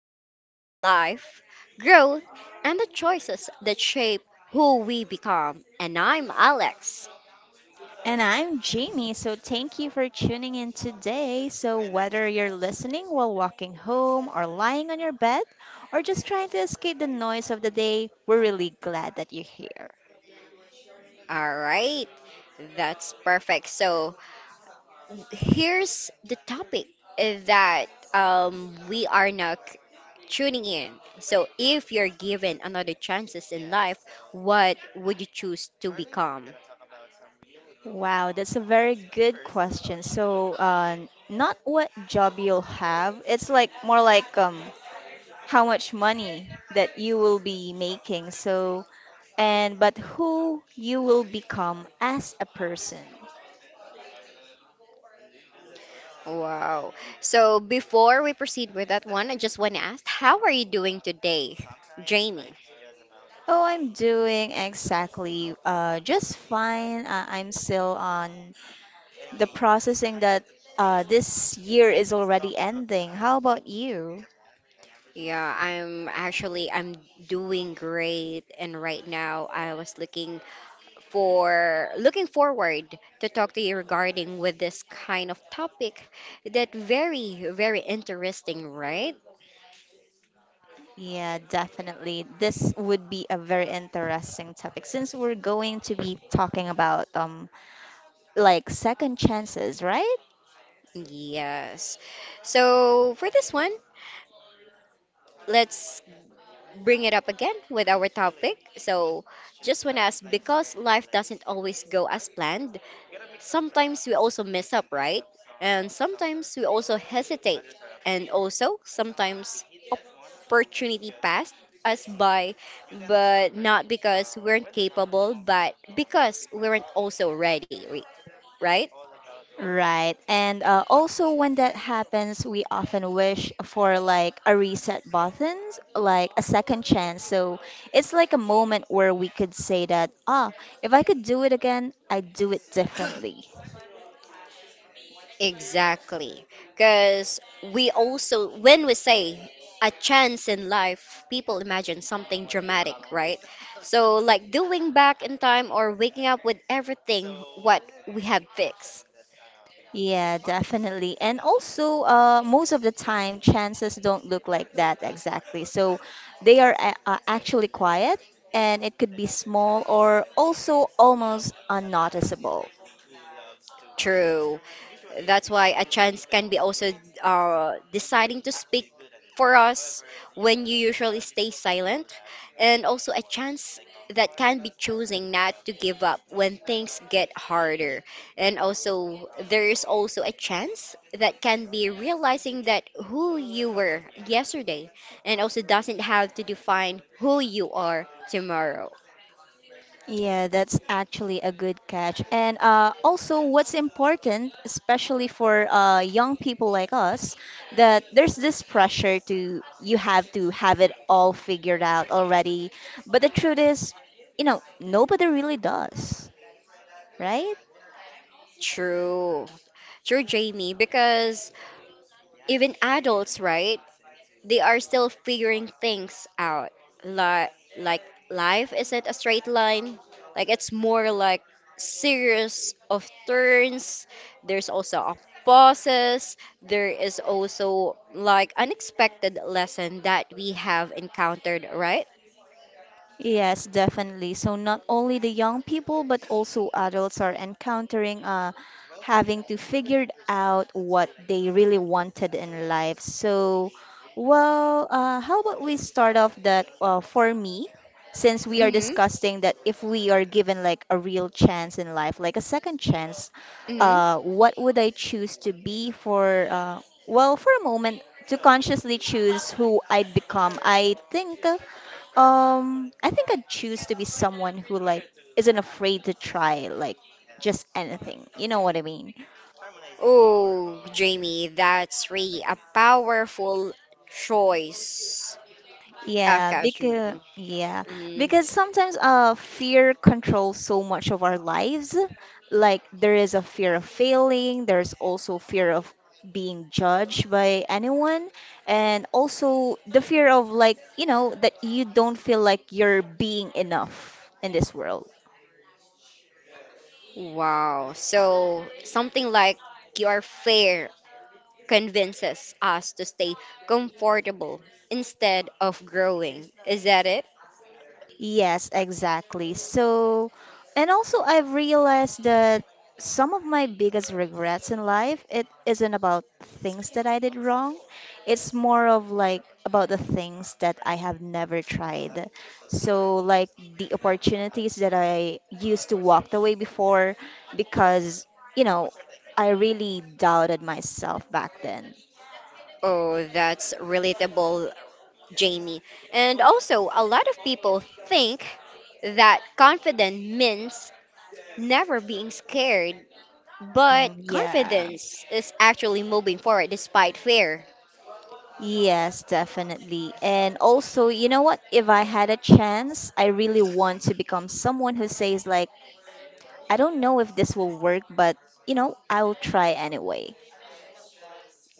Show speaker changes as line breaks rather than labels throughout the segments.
about life, growth, and the choices that shape who we become. And I'm Alex.
And I'm Jamie, so thank you for tuning in today. Whether you're listening while walking home, or lying on your bed, or just trying to escape the noise of the day, we're really glad that you're here.
All right, that's perfect. So here's the topic that we are now tuning in. So if you're given another chances in life, what would you choose to become?
Wow, that's a very good question. Not what job you'll have, it's like more like how much money that you will be making. So, and but who you will become as a person.
Wow. So before we proceed with that one, I just want to ask, how are you doing today, Jamie?
Oh, I'm doing exactly just fine. I'm still on the processing that this year is already ending. How about you?
Yeah, I'm actually I'm doing great and right now I was looking forward to talk to you regarding with this kind of topic that very very interesting, right?
Yeah, definitely. This would be a very interesting topic since we're going to be talking about like second chances, right?
Yes. So for this one, let's bring it up again with our topic. So, just want to ask because life doesn't always go as planned, sometimes we also mess up, right? And sometimes we also hesitate. And also, sometimes opportunity passed us by, but not because we weren't capable, but because we weren't also ready, right?
Right. And also, when that happens, we often wish for like a reset button, like a second chance. So it's like a moment where we could say that, ah, if I could do it again, I'd do it differently.
Exactly. Because we also, when we say a chance in life, people imagine something dramatic, right? So, like doing back in time or waking up with everything what we have fixed.
Yeah, definitely. And also, most of the time, chances don't look like that exactly. So they are actually quiet, and it could be small or also almost unnoticeable.
True. That's why a chance can be also deciding to speak for us when you usually stay silent, and also a chance that can be choosing not to give up when things get harder. And also, there is also a chance that can be realizing that who you were yesterday and also doesn't have to define who you are tomorrow.
Yeah, that's actually a good catch. And also, what's important, especially for young people like us, that there's this pressure to you have to have it all figured out already. But the truth is, you know, nobody really does, right?
True. True, Jamie, because even adults, right? They are still figuring things out. Like, like life isn't a straight line. Like it's more like series of turns. There's also a pauses. There is also like unexpected lesson that we have encountered, right?
Yes, definitely. So not only the young people, but also adults are encountering having to figure out what they really wanted in life. How about we start off that for me, since we are
Mm-hmm.
discussing that if we are given like a real chance in life, like a second chance,
Mm-hmm.
what would I choose to be for, well, for a moment, to consciously choose who I'd become. I think I'd choose to be someone who like isn't afraid to try like just anything. You know what I mean?
Oh, Jamie, that's really a powerful choice of
Yeah,
course.
because
Mm-hmm.
yeah, because sometimes fear controls so much of our lives. Like there is a fear of failing, there's also fear of being judged by anyone, and also the fear of like, you know, that you don't feel like you're being enough in this world.
Wow. So something like your fear convinces us to stay comfortable instead of growing. Is that it?
Yes, exactly. So, and also I've realized that some of my biggest regrets in life, it isn't about things that I did wrong. It's more of like about the things that I have never tried. So, like the opportunities that I used to walk away before because, you know, I really doubted myself back then.
Oh, that's relatable, Jamie. And also, a lot of people think that confident means never being scared, but
Mm, yeah.
confidence is actually moving forward despite fear.
Yes, definitely. And also, you know what? If I had a chance, I really want to become someone who says, like, I don't know if this will work, but, you know, I'll try anyway.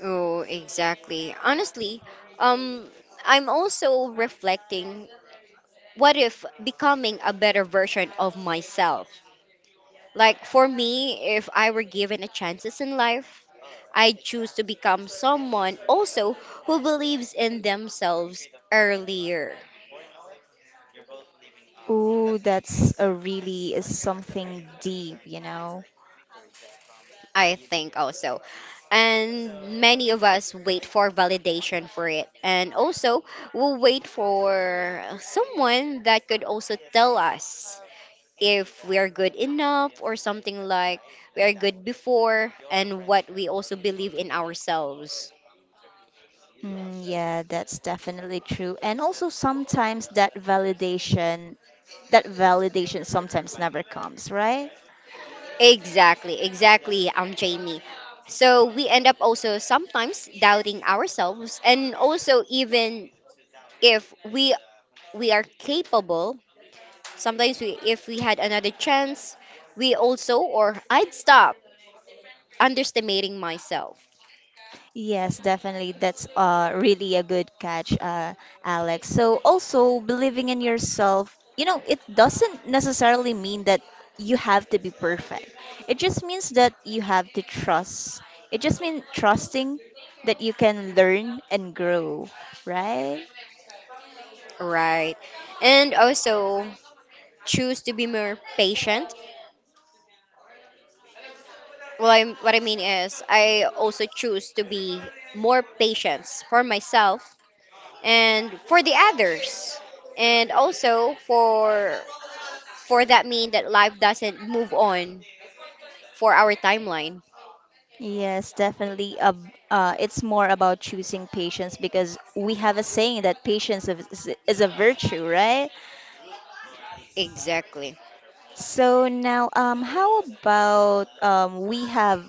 Oh, exactly. Honestly, um, I'm also reflecting what if becoming a better version of myself? Like for me, if I were given a chances in life, I'd choose to become someone also who believes in themselves earlier.
Ooh, that's a really is something deep, you know?
I think also. And many of us wait for validation for it. And also, we'll wait for someone that could also tell us if we are good enough or something like we are good before and what we also believe in ourselves.
Mm, yeah, that's definitely true. And also sometimes that validation sometimes never comes, right?
Exactly, exactly, Jamie. So we end up also sometimes doubting ourselves, and also even if we are capable, sometimes we if we had another chance, we also or I'd stop underestimating myself,
Yes, definitely. That's really a good catch, Alex. So also believing in yourself, you know, it doesn't necessarily mean that you have to be perfect. It just means that you have to trust. It just means trusting that you can learn and grow, right?
right? And also choose to be more patient. Well, I, what I mean is, I also choose to be more patient for myself and for the others, and also for that mean that life doesn't move on for our timeline.
Yes, definitely. It's more about choosing patience because we have a saying that patience is a virtue, right?
Exactly.
So now, how about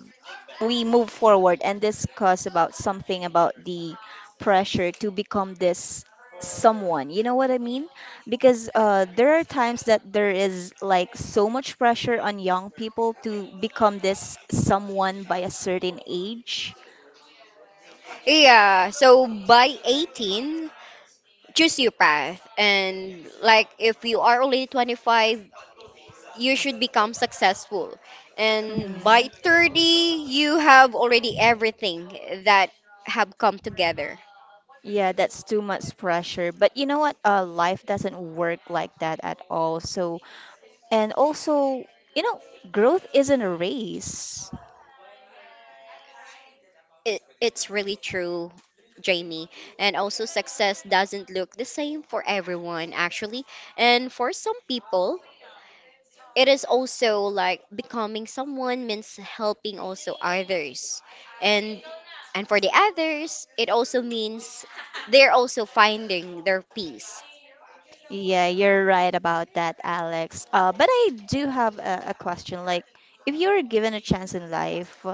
we move forward and discuss about something about the pressure to become this someone. You know what I mean? Because there are times that there is like so much pressure on young people to become this someone by a certain age.
Yeah. So by 18, choose your path, and like if you are only 25, you should become successful, and by
hmm
30, you have already everything that have come together.
Yeah, that's too much pressure. But you know what? Life doesn't work like that at all. So and also, you know, growth isn't a race.
It's really true, Jamie. And also, success doesn't look the same for everyone, actually. And for some people, it is also like becoming someone means helping also others. And and for the others, it also means they're also finding their peace.
Yeah, you're right about that, Alex. But I do have a question. Like, if you were given a chance in life,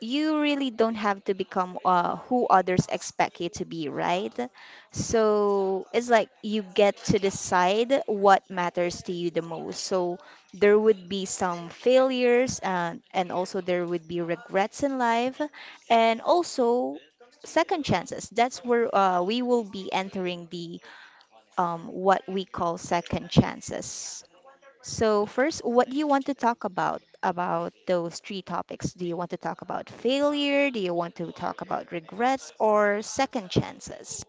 you really don't have to become who others expect you to be, right? So it's like you get to decide what matters to you the most. So there would be some failures and also there would be regrets in life and also second chances. That's where we will be entering the what we call second chances. So first, what do you want to talk about those three topics? Do you want to talk about failure? Do you want to talk about regrets or second chances?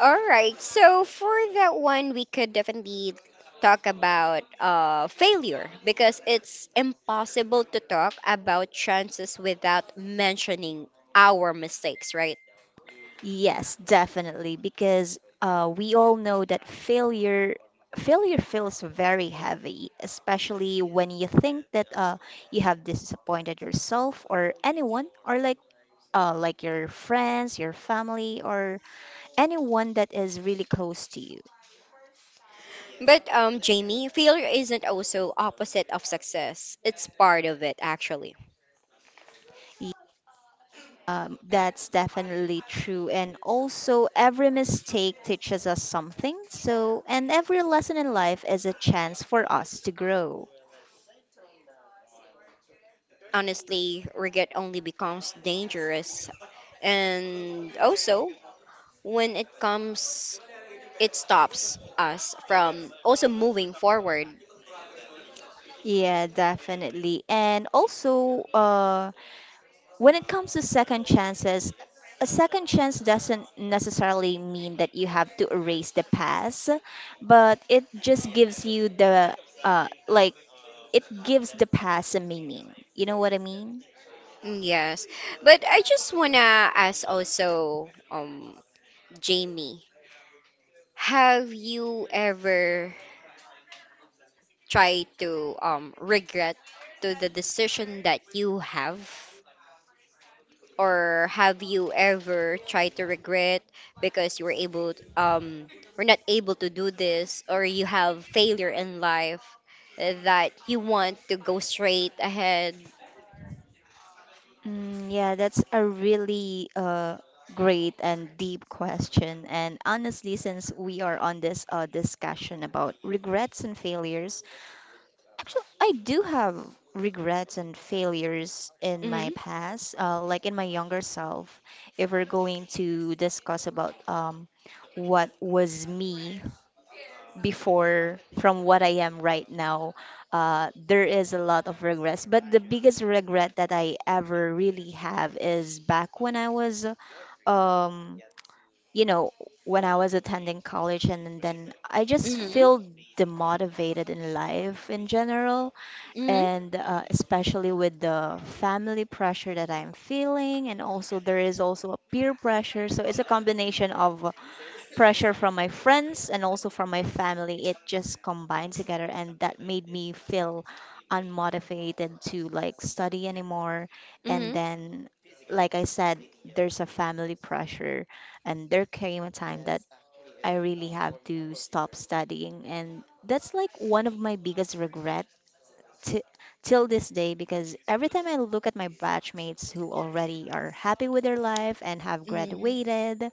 All right. So for that one, we could definitely talk about failure because it's impossible to talk about chances without mentioning our mistakes, right?
Yes, definitely, because we all know that failure feels very heavy, especially when you think that you have disappointed yourself or anyone, or like your friends, your family, or anyone that is really close to you.
But Jamie, failure isn't also opposite of success. It's part of it, actually.
That's definitely true. And also, every mistake teaches us something. So, and every lesson in life is a chance for us to grow.
Honestly, regret only becomes dangerous, and also when it comes, it stops us from also moving forward.
Yeah, definitely. And also, when it comes to second chances, a second chance doesn't necessarily mean that you have to erase the past, but it just gives you uh, like, it gives the past a meaning. You know what I mean?
Mm, yes. But I just wanna ask also, Jamie, have you ever tried to regret to the decision that you have? Or have you ever tried to regret because you were able to, were not able to do this or you have failure in life that you want to go straight ahead?
Mm, yeah, that's a really great and deep question. And honestly, since we are on this discussion about regrets and failures, actually, I do have regrets and failures in my
Mm-hmm.
past, like in my younger self. If we're going to discuss about what was me before from what I am right now, there is a lot of regrets. But the biggest regret that I ever really have is back when I was, um, you know, when I was attending college, and then I just
Mm-hmm.
feel demotivated in life in general,
Mm-hmm.
and especially with the family pressure that I'm feeling, and also there is also a peer pressure. So it's a combination of pressure from my friends and also from my family, it just combined together and that made me feel unmotivated to like study anymore, and
Mm-hmm.
then, like I said, there's a family pressure, and there came a time that I really have to stop studying, and that's like one of my biggest regret t- till this day, because every time I look at my batchmates who already are happy with their life and have
Mm-hmm.
graduated,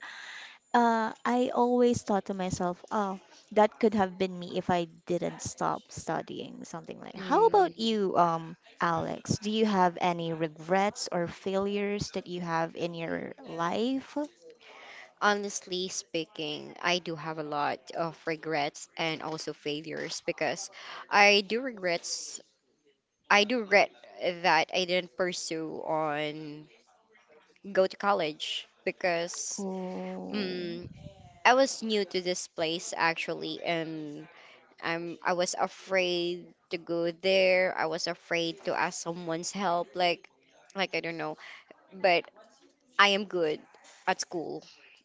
I always thought to myself, oh, that could have been me if I didn't stop studying, something like. How
Mm-hmm.
about you, Alex? Do you have any regrets or failures that you have in your life?
Honestly speaking, I do have a lot of regrets and also failures because I do regrets I do regret that I didn't pursue on go to college because
Oh,
mm I was new to this place actually and I was afraid to go there. I was afraid to ask someone's help like I don't know. But I am good at school.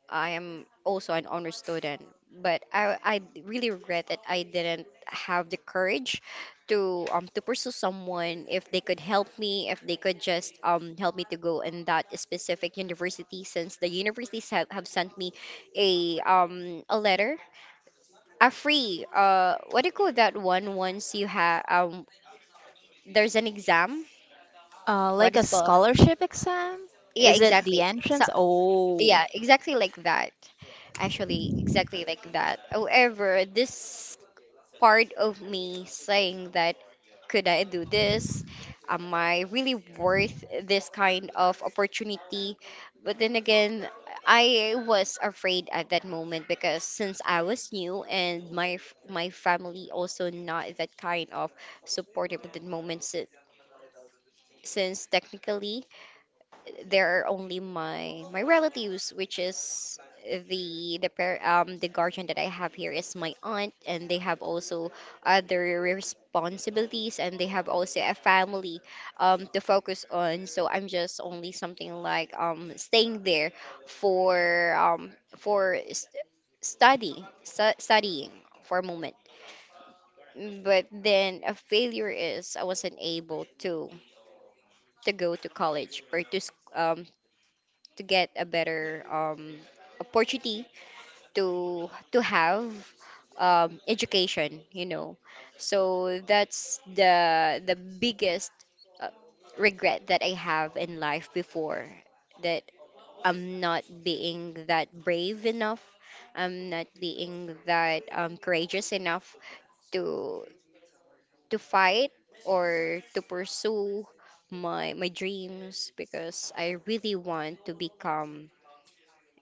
I am also an honor student, but I really regret that I didn't have the courage to pursue someone if they could help me, if they could just help me to go in that specific university since the universities have sent me a letter. A free what do you call that one once you have there's an exam
uh,
what
like
is
a
called
scholarship exam?
yeah
Is it the
exactly so
entrance? Oh.
yeah, exactly like that. Actually, exactly like that. However, this part of me saying that, could I do this? Am I really worth this kind of opportunity? But then again, I was afraid at that moment because since I was new and my my family also not that kind of supportive at the moment since technically there are only my relatives, which is the the guardian that I have here is my aunt, and they have also other responsibilities, and they have also a family to focus on. So I'm just only something like staying there for um for st- studying for a moment. But then a failure is I wasn't able to go to college or to to get a better opportunity to have education, you know, so that's the biggest uh, regret that I have in life before, that I'm not being that brave enough, I'm not being that courageous enough to to fight or to pursue my my dreams because I really want to become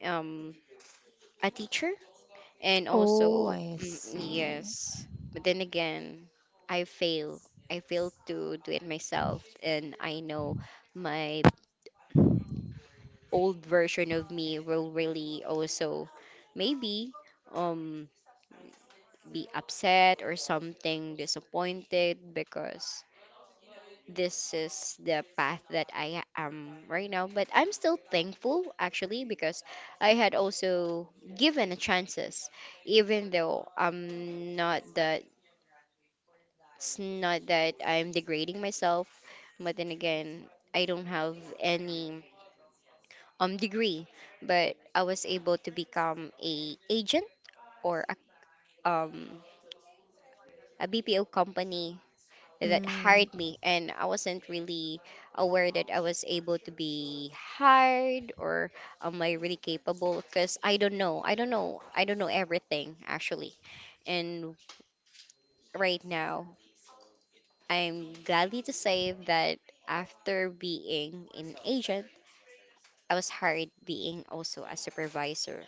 um a teacher and
Oh,
also
I
mm,
see.
yes, but then again i fail I failed to do it myself and I know my old version of me will really also maybe um be upset or something disappointed because this is the path that I am right now. But I'm still thankful actually because I had also given a chances, even though I'm not that it's not that I'm degrading myself, but then again, I don't have any degree, but I was able to become a agent or um a BPO company that
Mm.
hired me, and I wasn't really aware that I was able to be hired or am I really capable? Because I don't know everything actually. And right now, I'm gladly to say that after being an agent, I was hired being also a supervisor.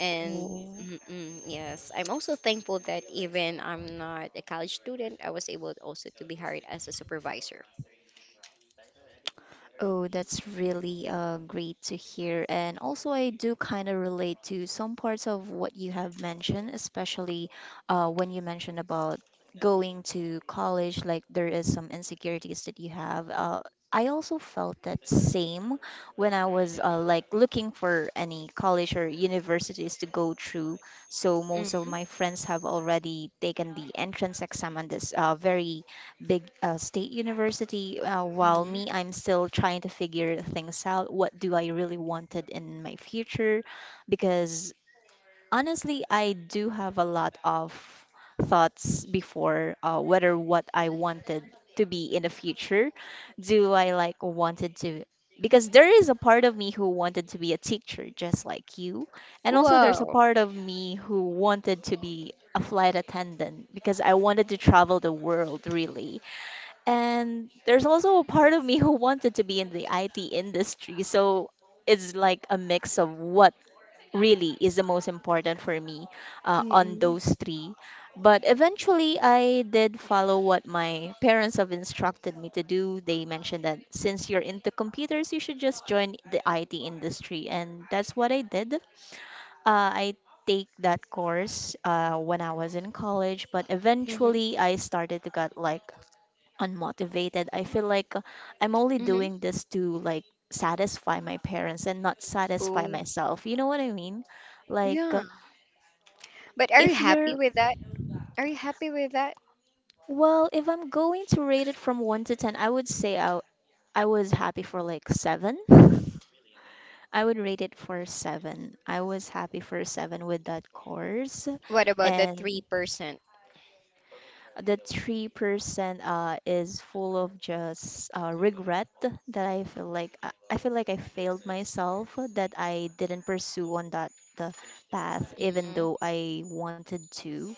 And mm-mm, yes, I'm also thankful that even I'm not a college student, I was able also to be hired as a supervisor.
Oh, that's really great to hear. And also, I do kind of relate to some parts of what you have mentioned, especially when you mentioned about going to college, like there is some insecurities that you have. I also felt that same when I was like looking for any college or universities to go through. So most of
Hmm.
my friends have already taken the entrance exam and this very big state university, while me, I'm still trying to figure things out. What do I really wanted in my future? Because honestly, I do have a lot of thoughts before whether what I wanted to be in the future. Do I like wanted to? Because there is a part of me who wanted to be a teacher, just like you. And also, there's a
Wow.
part of me who wanted to be a flight attendant because I wanted to travel the world, really. And there's also a part of me who wanted to be in the IT industry. So it's like a mix of what really is the most important for me on
Mm-mm.
those three. But eventually, I did follow what my parents have instructed me to do. They mentioned that since you're into computers, you should just join the IT industry. And that's what I did. I take that course when I was in college, but
Mm-hmm.
eventually I started to get like unmotivated. I feel like I'm only
Mm-hmm.
doing this to like satisfy my parents and not satisfy
Oh,
myself. You know what I mean? Like
yeah. But are you
if you're
happy with that? Are you happy with that?
well, if I'm going to rate it from 1 to 10, I would say I was happy for like 7. I would rate it for 7. I was happy for 7 with that course,
What about the
and
3%? Mm-mm.
the 3% is full of just regret that I feel like I failed myself, that I didn't pursue on that the path even
Mm-hmm.
though I wanted to,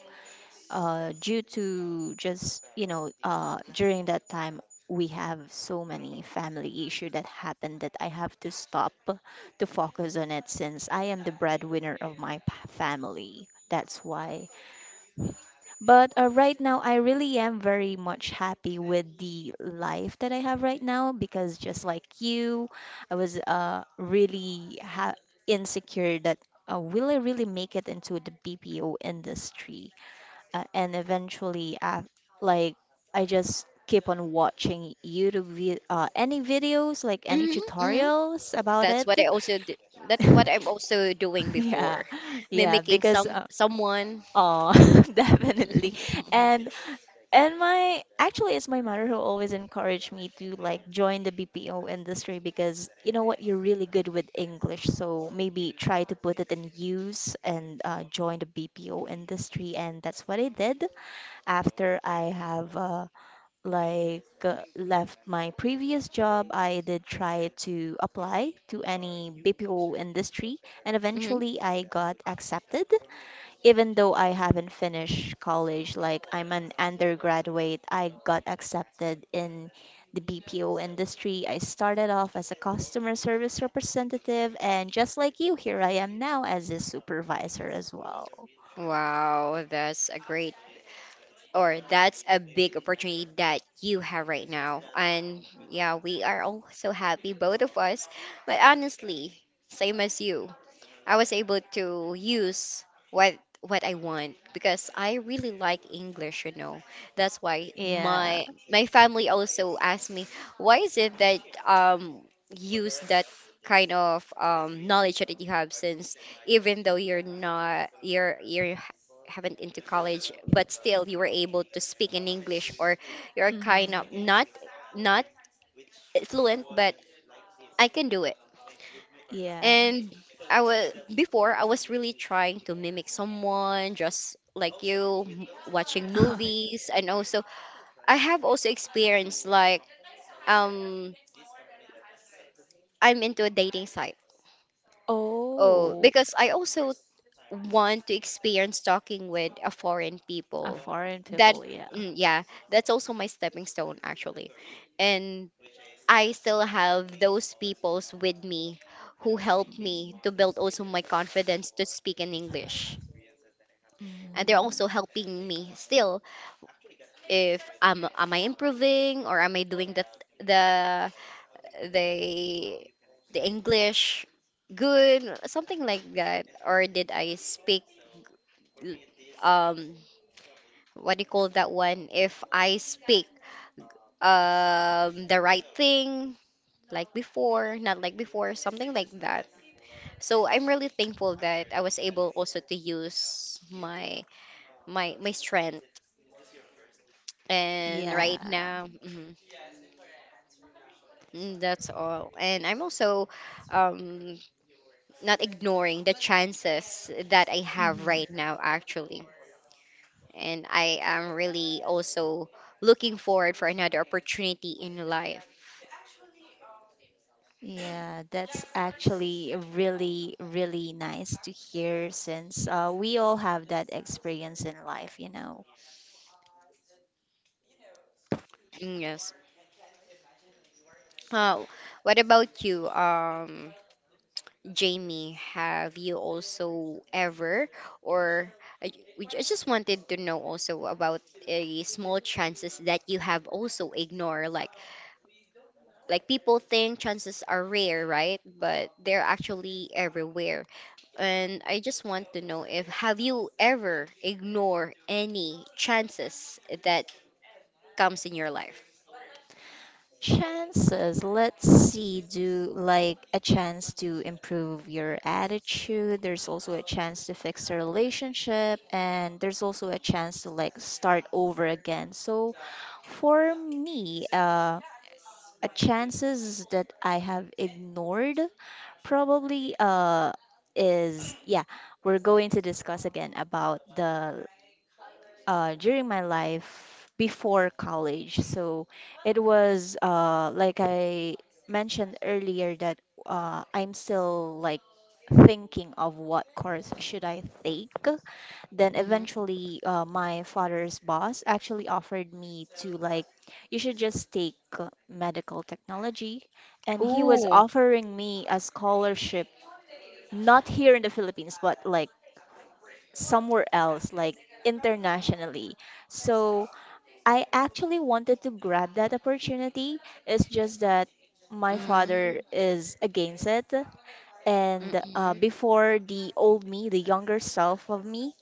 due to just, you know, during that time we have so many family issue that happened that I have to stop to focus on it, since I am the breadwinner of my family. That's why. But right now, I really am very much happy with the life that I have right now because just like you, I was really ha insecure that will I really make it into the BPO industry? And eventually, af like I just keep on watching YouTube vi any videos, like any
Mm-hmm. Mm-hmm.
tutorials about
That's
it.
what I also do. That what I'm also doing
Yeah,
before,
yeah,
mimicking
because
some someone.
oh, definitely. And and my actually, it's my mother who always encouraged me to like join the BPO industry because you know what, you're really good with English, so maybe try to put it in use and join the BPO industry, and that's what I did after I have left my previous job. I did try to apply to any BPO industry, and
Mhm.
eventually I got accepted. Even though I haven't finished college, like I'm an undergraduate, I got accepted in the BPO industry. I started off as a customer service representative, and just like you, here I am now as a supervisor as well.
Wow, that's a great or that's a big opportunity that you have right now. And yeah, we are all so happy, both of us. But honestly, same as you. I was able to use what what I want because I really like English, you know. That's why
Yeah.
my my family also asked me, why is it that um use that kind of knowledge that you have since even though you're not you're you're haven't into college but still you were able to speak in English or you're kind of
Hmm.
not not fluent but I can do it
Yeah.
and I was before I was really trying to mimic someone just like you watching movies and also I have also experienced like um I'm into a dating site. Oh,
Oh,
because I also want to experience talking with a foreign
a
people.
foreign
That
people, yeah.
mm, yeah, that's also my stepping stone actually. And I still have those peoples with me who helped
Mm,
me to build also my confidence to speak in English. And they're
mm,
also helping me still if am am I improving or am I doing the the the English good something like that or did I speak um what do you call that one if I speak the right thing like before not like before something like that so I'm really thankful that I was able also to use my my strength and right
yeah.
now mhm. Mm, that's all. And I'm also um, not ignoring the chances that I have
Mm-hmm.
right now, actually. And I am really also looking forward for another opportunity in life.
Yeah, that's actually really, really nice to hear since we all have that experience in life, you know.
Mm, yes. Uh, what about you, Jamie? Have you also ever, or I, we, I just wanted to know also about a small chances that you have also ignored, like people think chances are rare, right? But they're actually everywhere. And I just want to know if have you ever ignore any chances that comes in your life?
Chances, let's see, do like a chance to improve your attitude. There's also a chance to fix a relationship, and there's also a chance to like start over again. So for me, chances that I have ignored probably is, yeah, we're going to discuss again about the during my life before college. So it was like I mentioned earlier that I'm still like thinking of what course should I take. Then
Mm-hmm.
eventually, my father's boss actually offered me to like, you should just take medical technology, and he was
Ooh.
offering me a scholarship, not here in the Philippines, but like somewhere else, like internationally. So I actually wanted to grab that opportunity. It's just that my
Mm-hmm.
father is against it. And
Mm-hmm.
before, the old me, the younger self of me,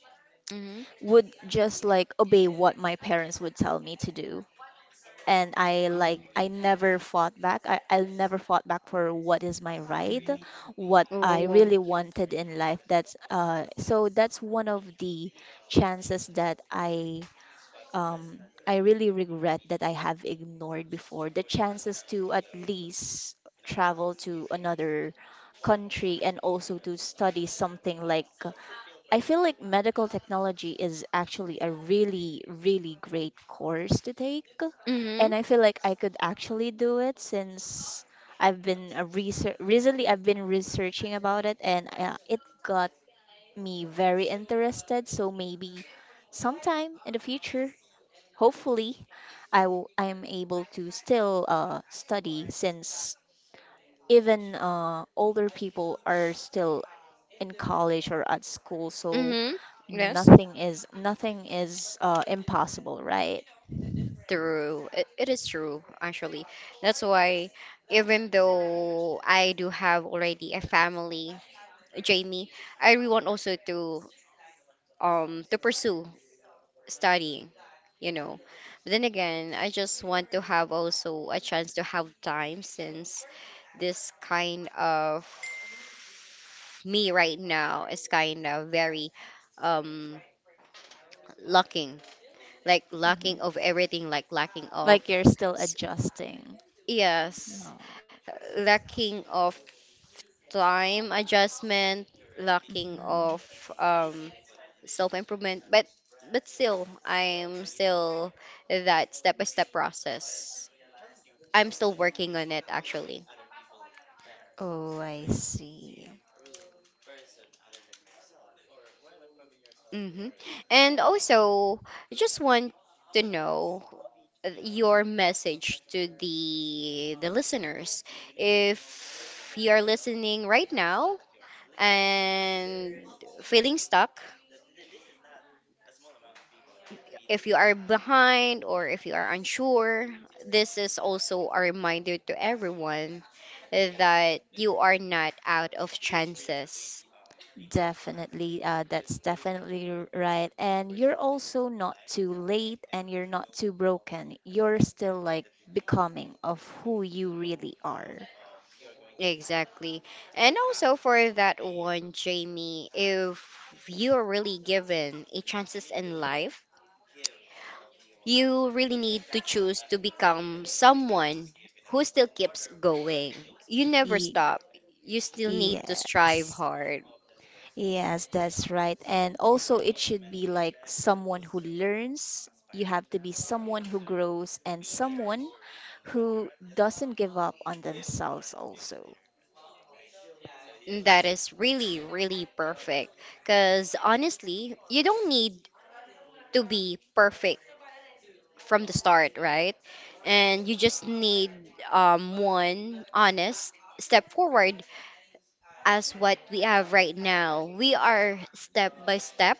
Mm-hmm.
would just like obey what my parents would tell me to do. And I never fought back. I never fought back for what is my right, what
Mm-hmm.
I
Ooh.
really wanted in life. That's so that's one of the chances that um, I really regret that I have ignored before, the chances to at least travel to another country and also to study something like. I feel like medical technology is actually a really, really great course to take.
Mm-hmm.
And I feel like I could actually do it since I've been a research recently I've been researching about it, and it got me very interested. So maybe sometime in the future, hopefully I am able to still study, since even older people are still in college or at school, so
Mm-hmm. Yes.
nothing is impossible, right?
True. It is true, actually. That's why, even though I do have already a family, Jamie, I really want also to pursue studying, you know. But then again, I just want to have also a chance to have time since this kind of me right now is kind of very um lacking like lacking
Mhm.
of everything like lacking of
Like you're still
s-
adjusting.
yes
No.
lacking of time adjustment lacking
Mhm.
of um self improvement, but still, I'm still that step by step process. I'm still working on it actually.
Oh, I see.
Hmm. And also, I just want to know your message to the listeners if you are listening right now and feeling stuck. If you are behind or if you are unsure, this is also a reminder to everyone that you are not out of chances.
Definitely, that's definitely right. And you're also not too late and you're not too broken. You're still like becoming of who you really are.
Exactly. And also for that one, Jamie, if you're really given a chances in life, you really need to choose to become someone who still keeps going. You never
Ye-
stop. You still need to strive
yes.
hard.
Yes, that's right. And also, it should be like someone who learns. You have to be someone who grows and someone who doesn't give up on themselves also.
That is really, really perfect. Because honestly, you don't need to be perfect from the start, right? And you just need one honest step forward as what we have right now. We are step by step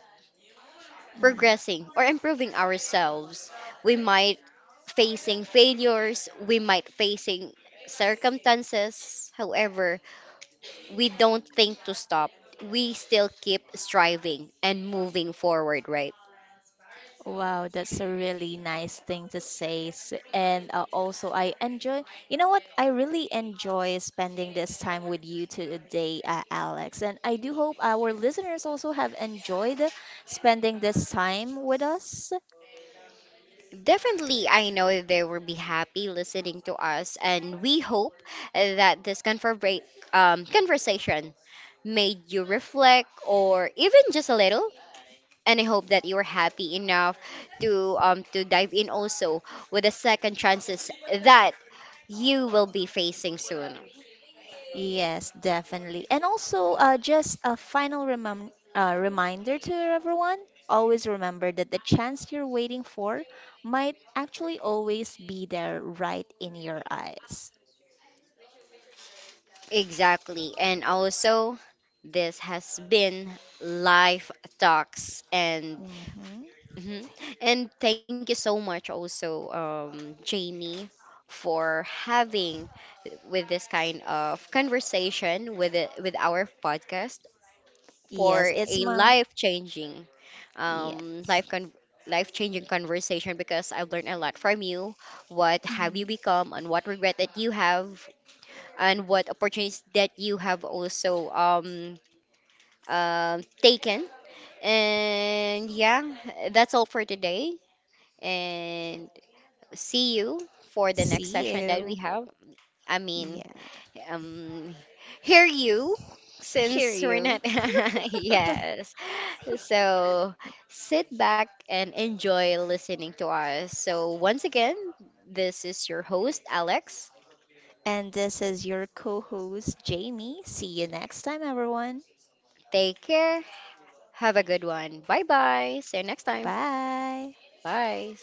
Mm.
progressing or improving ourselves. We might facing failures, we might facing circumstances. However, we don't think to stop. We still keep striving and moving forward, right?
Wow, that's a really nice thing to say. And also, you know what? I really enjoy spending this time with you today, Alex. And I do hope our listeners also have enjoyed spending this time with us.
Definitely, I know they will be happy listening to us, and we hope that this conversation made you reflect or even just a little. And I hope that you are happy enough to dive in also with the second chances that you will be facing soon.
Yes, definitely. And also, just a final remem reminder to everyone, always remember that the chance you're waiting for might actually always be there right in your eyes.
Exactly. And also, this has been Life Talks. And
Hmm.
mhm. And thank you so much also, Jamie, for having with this kind of conversation with it, with our podcast
Yes,
for
it's
a
my.
life changing, um,
Yes.
life con life changing conversation because I've learned a lot from you. What have you
Mhm.
become and what regret that you have and what opportunities that you have also taken. And yeah, that's all for today. And see you for the next
See
session that we
you.
have. I mean,
Yeah.
um, hear you since
Hear
we're
you.
not. Yes. So sit back and enjoy listening to us. So, once again, this is your host, Alex.
And this is your co host, Jamie. See you next time, everyone.
Take care. Have a good one. Bye bye. See you next time.
Bye.
Bye.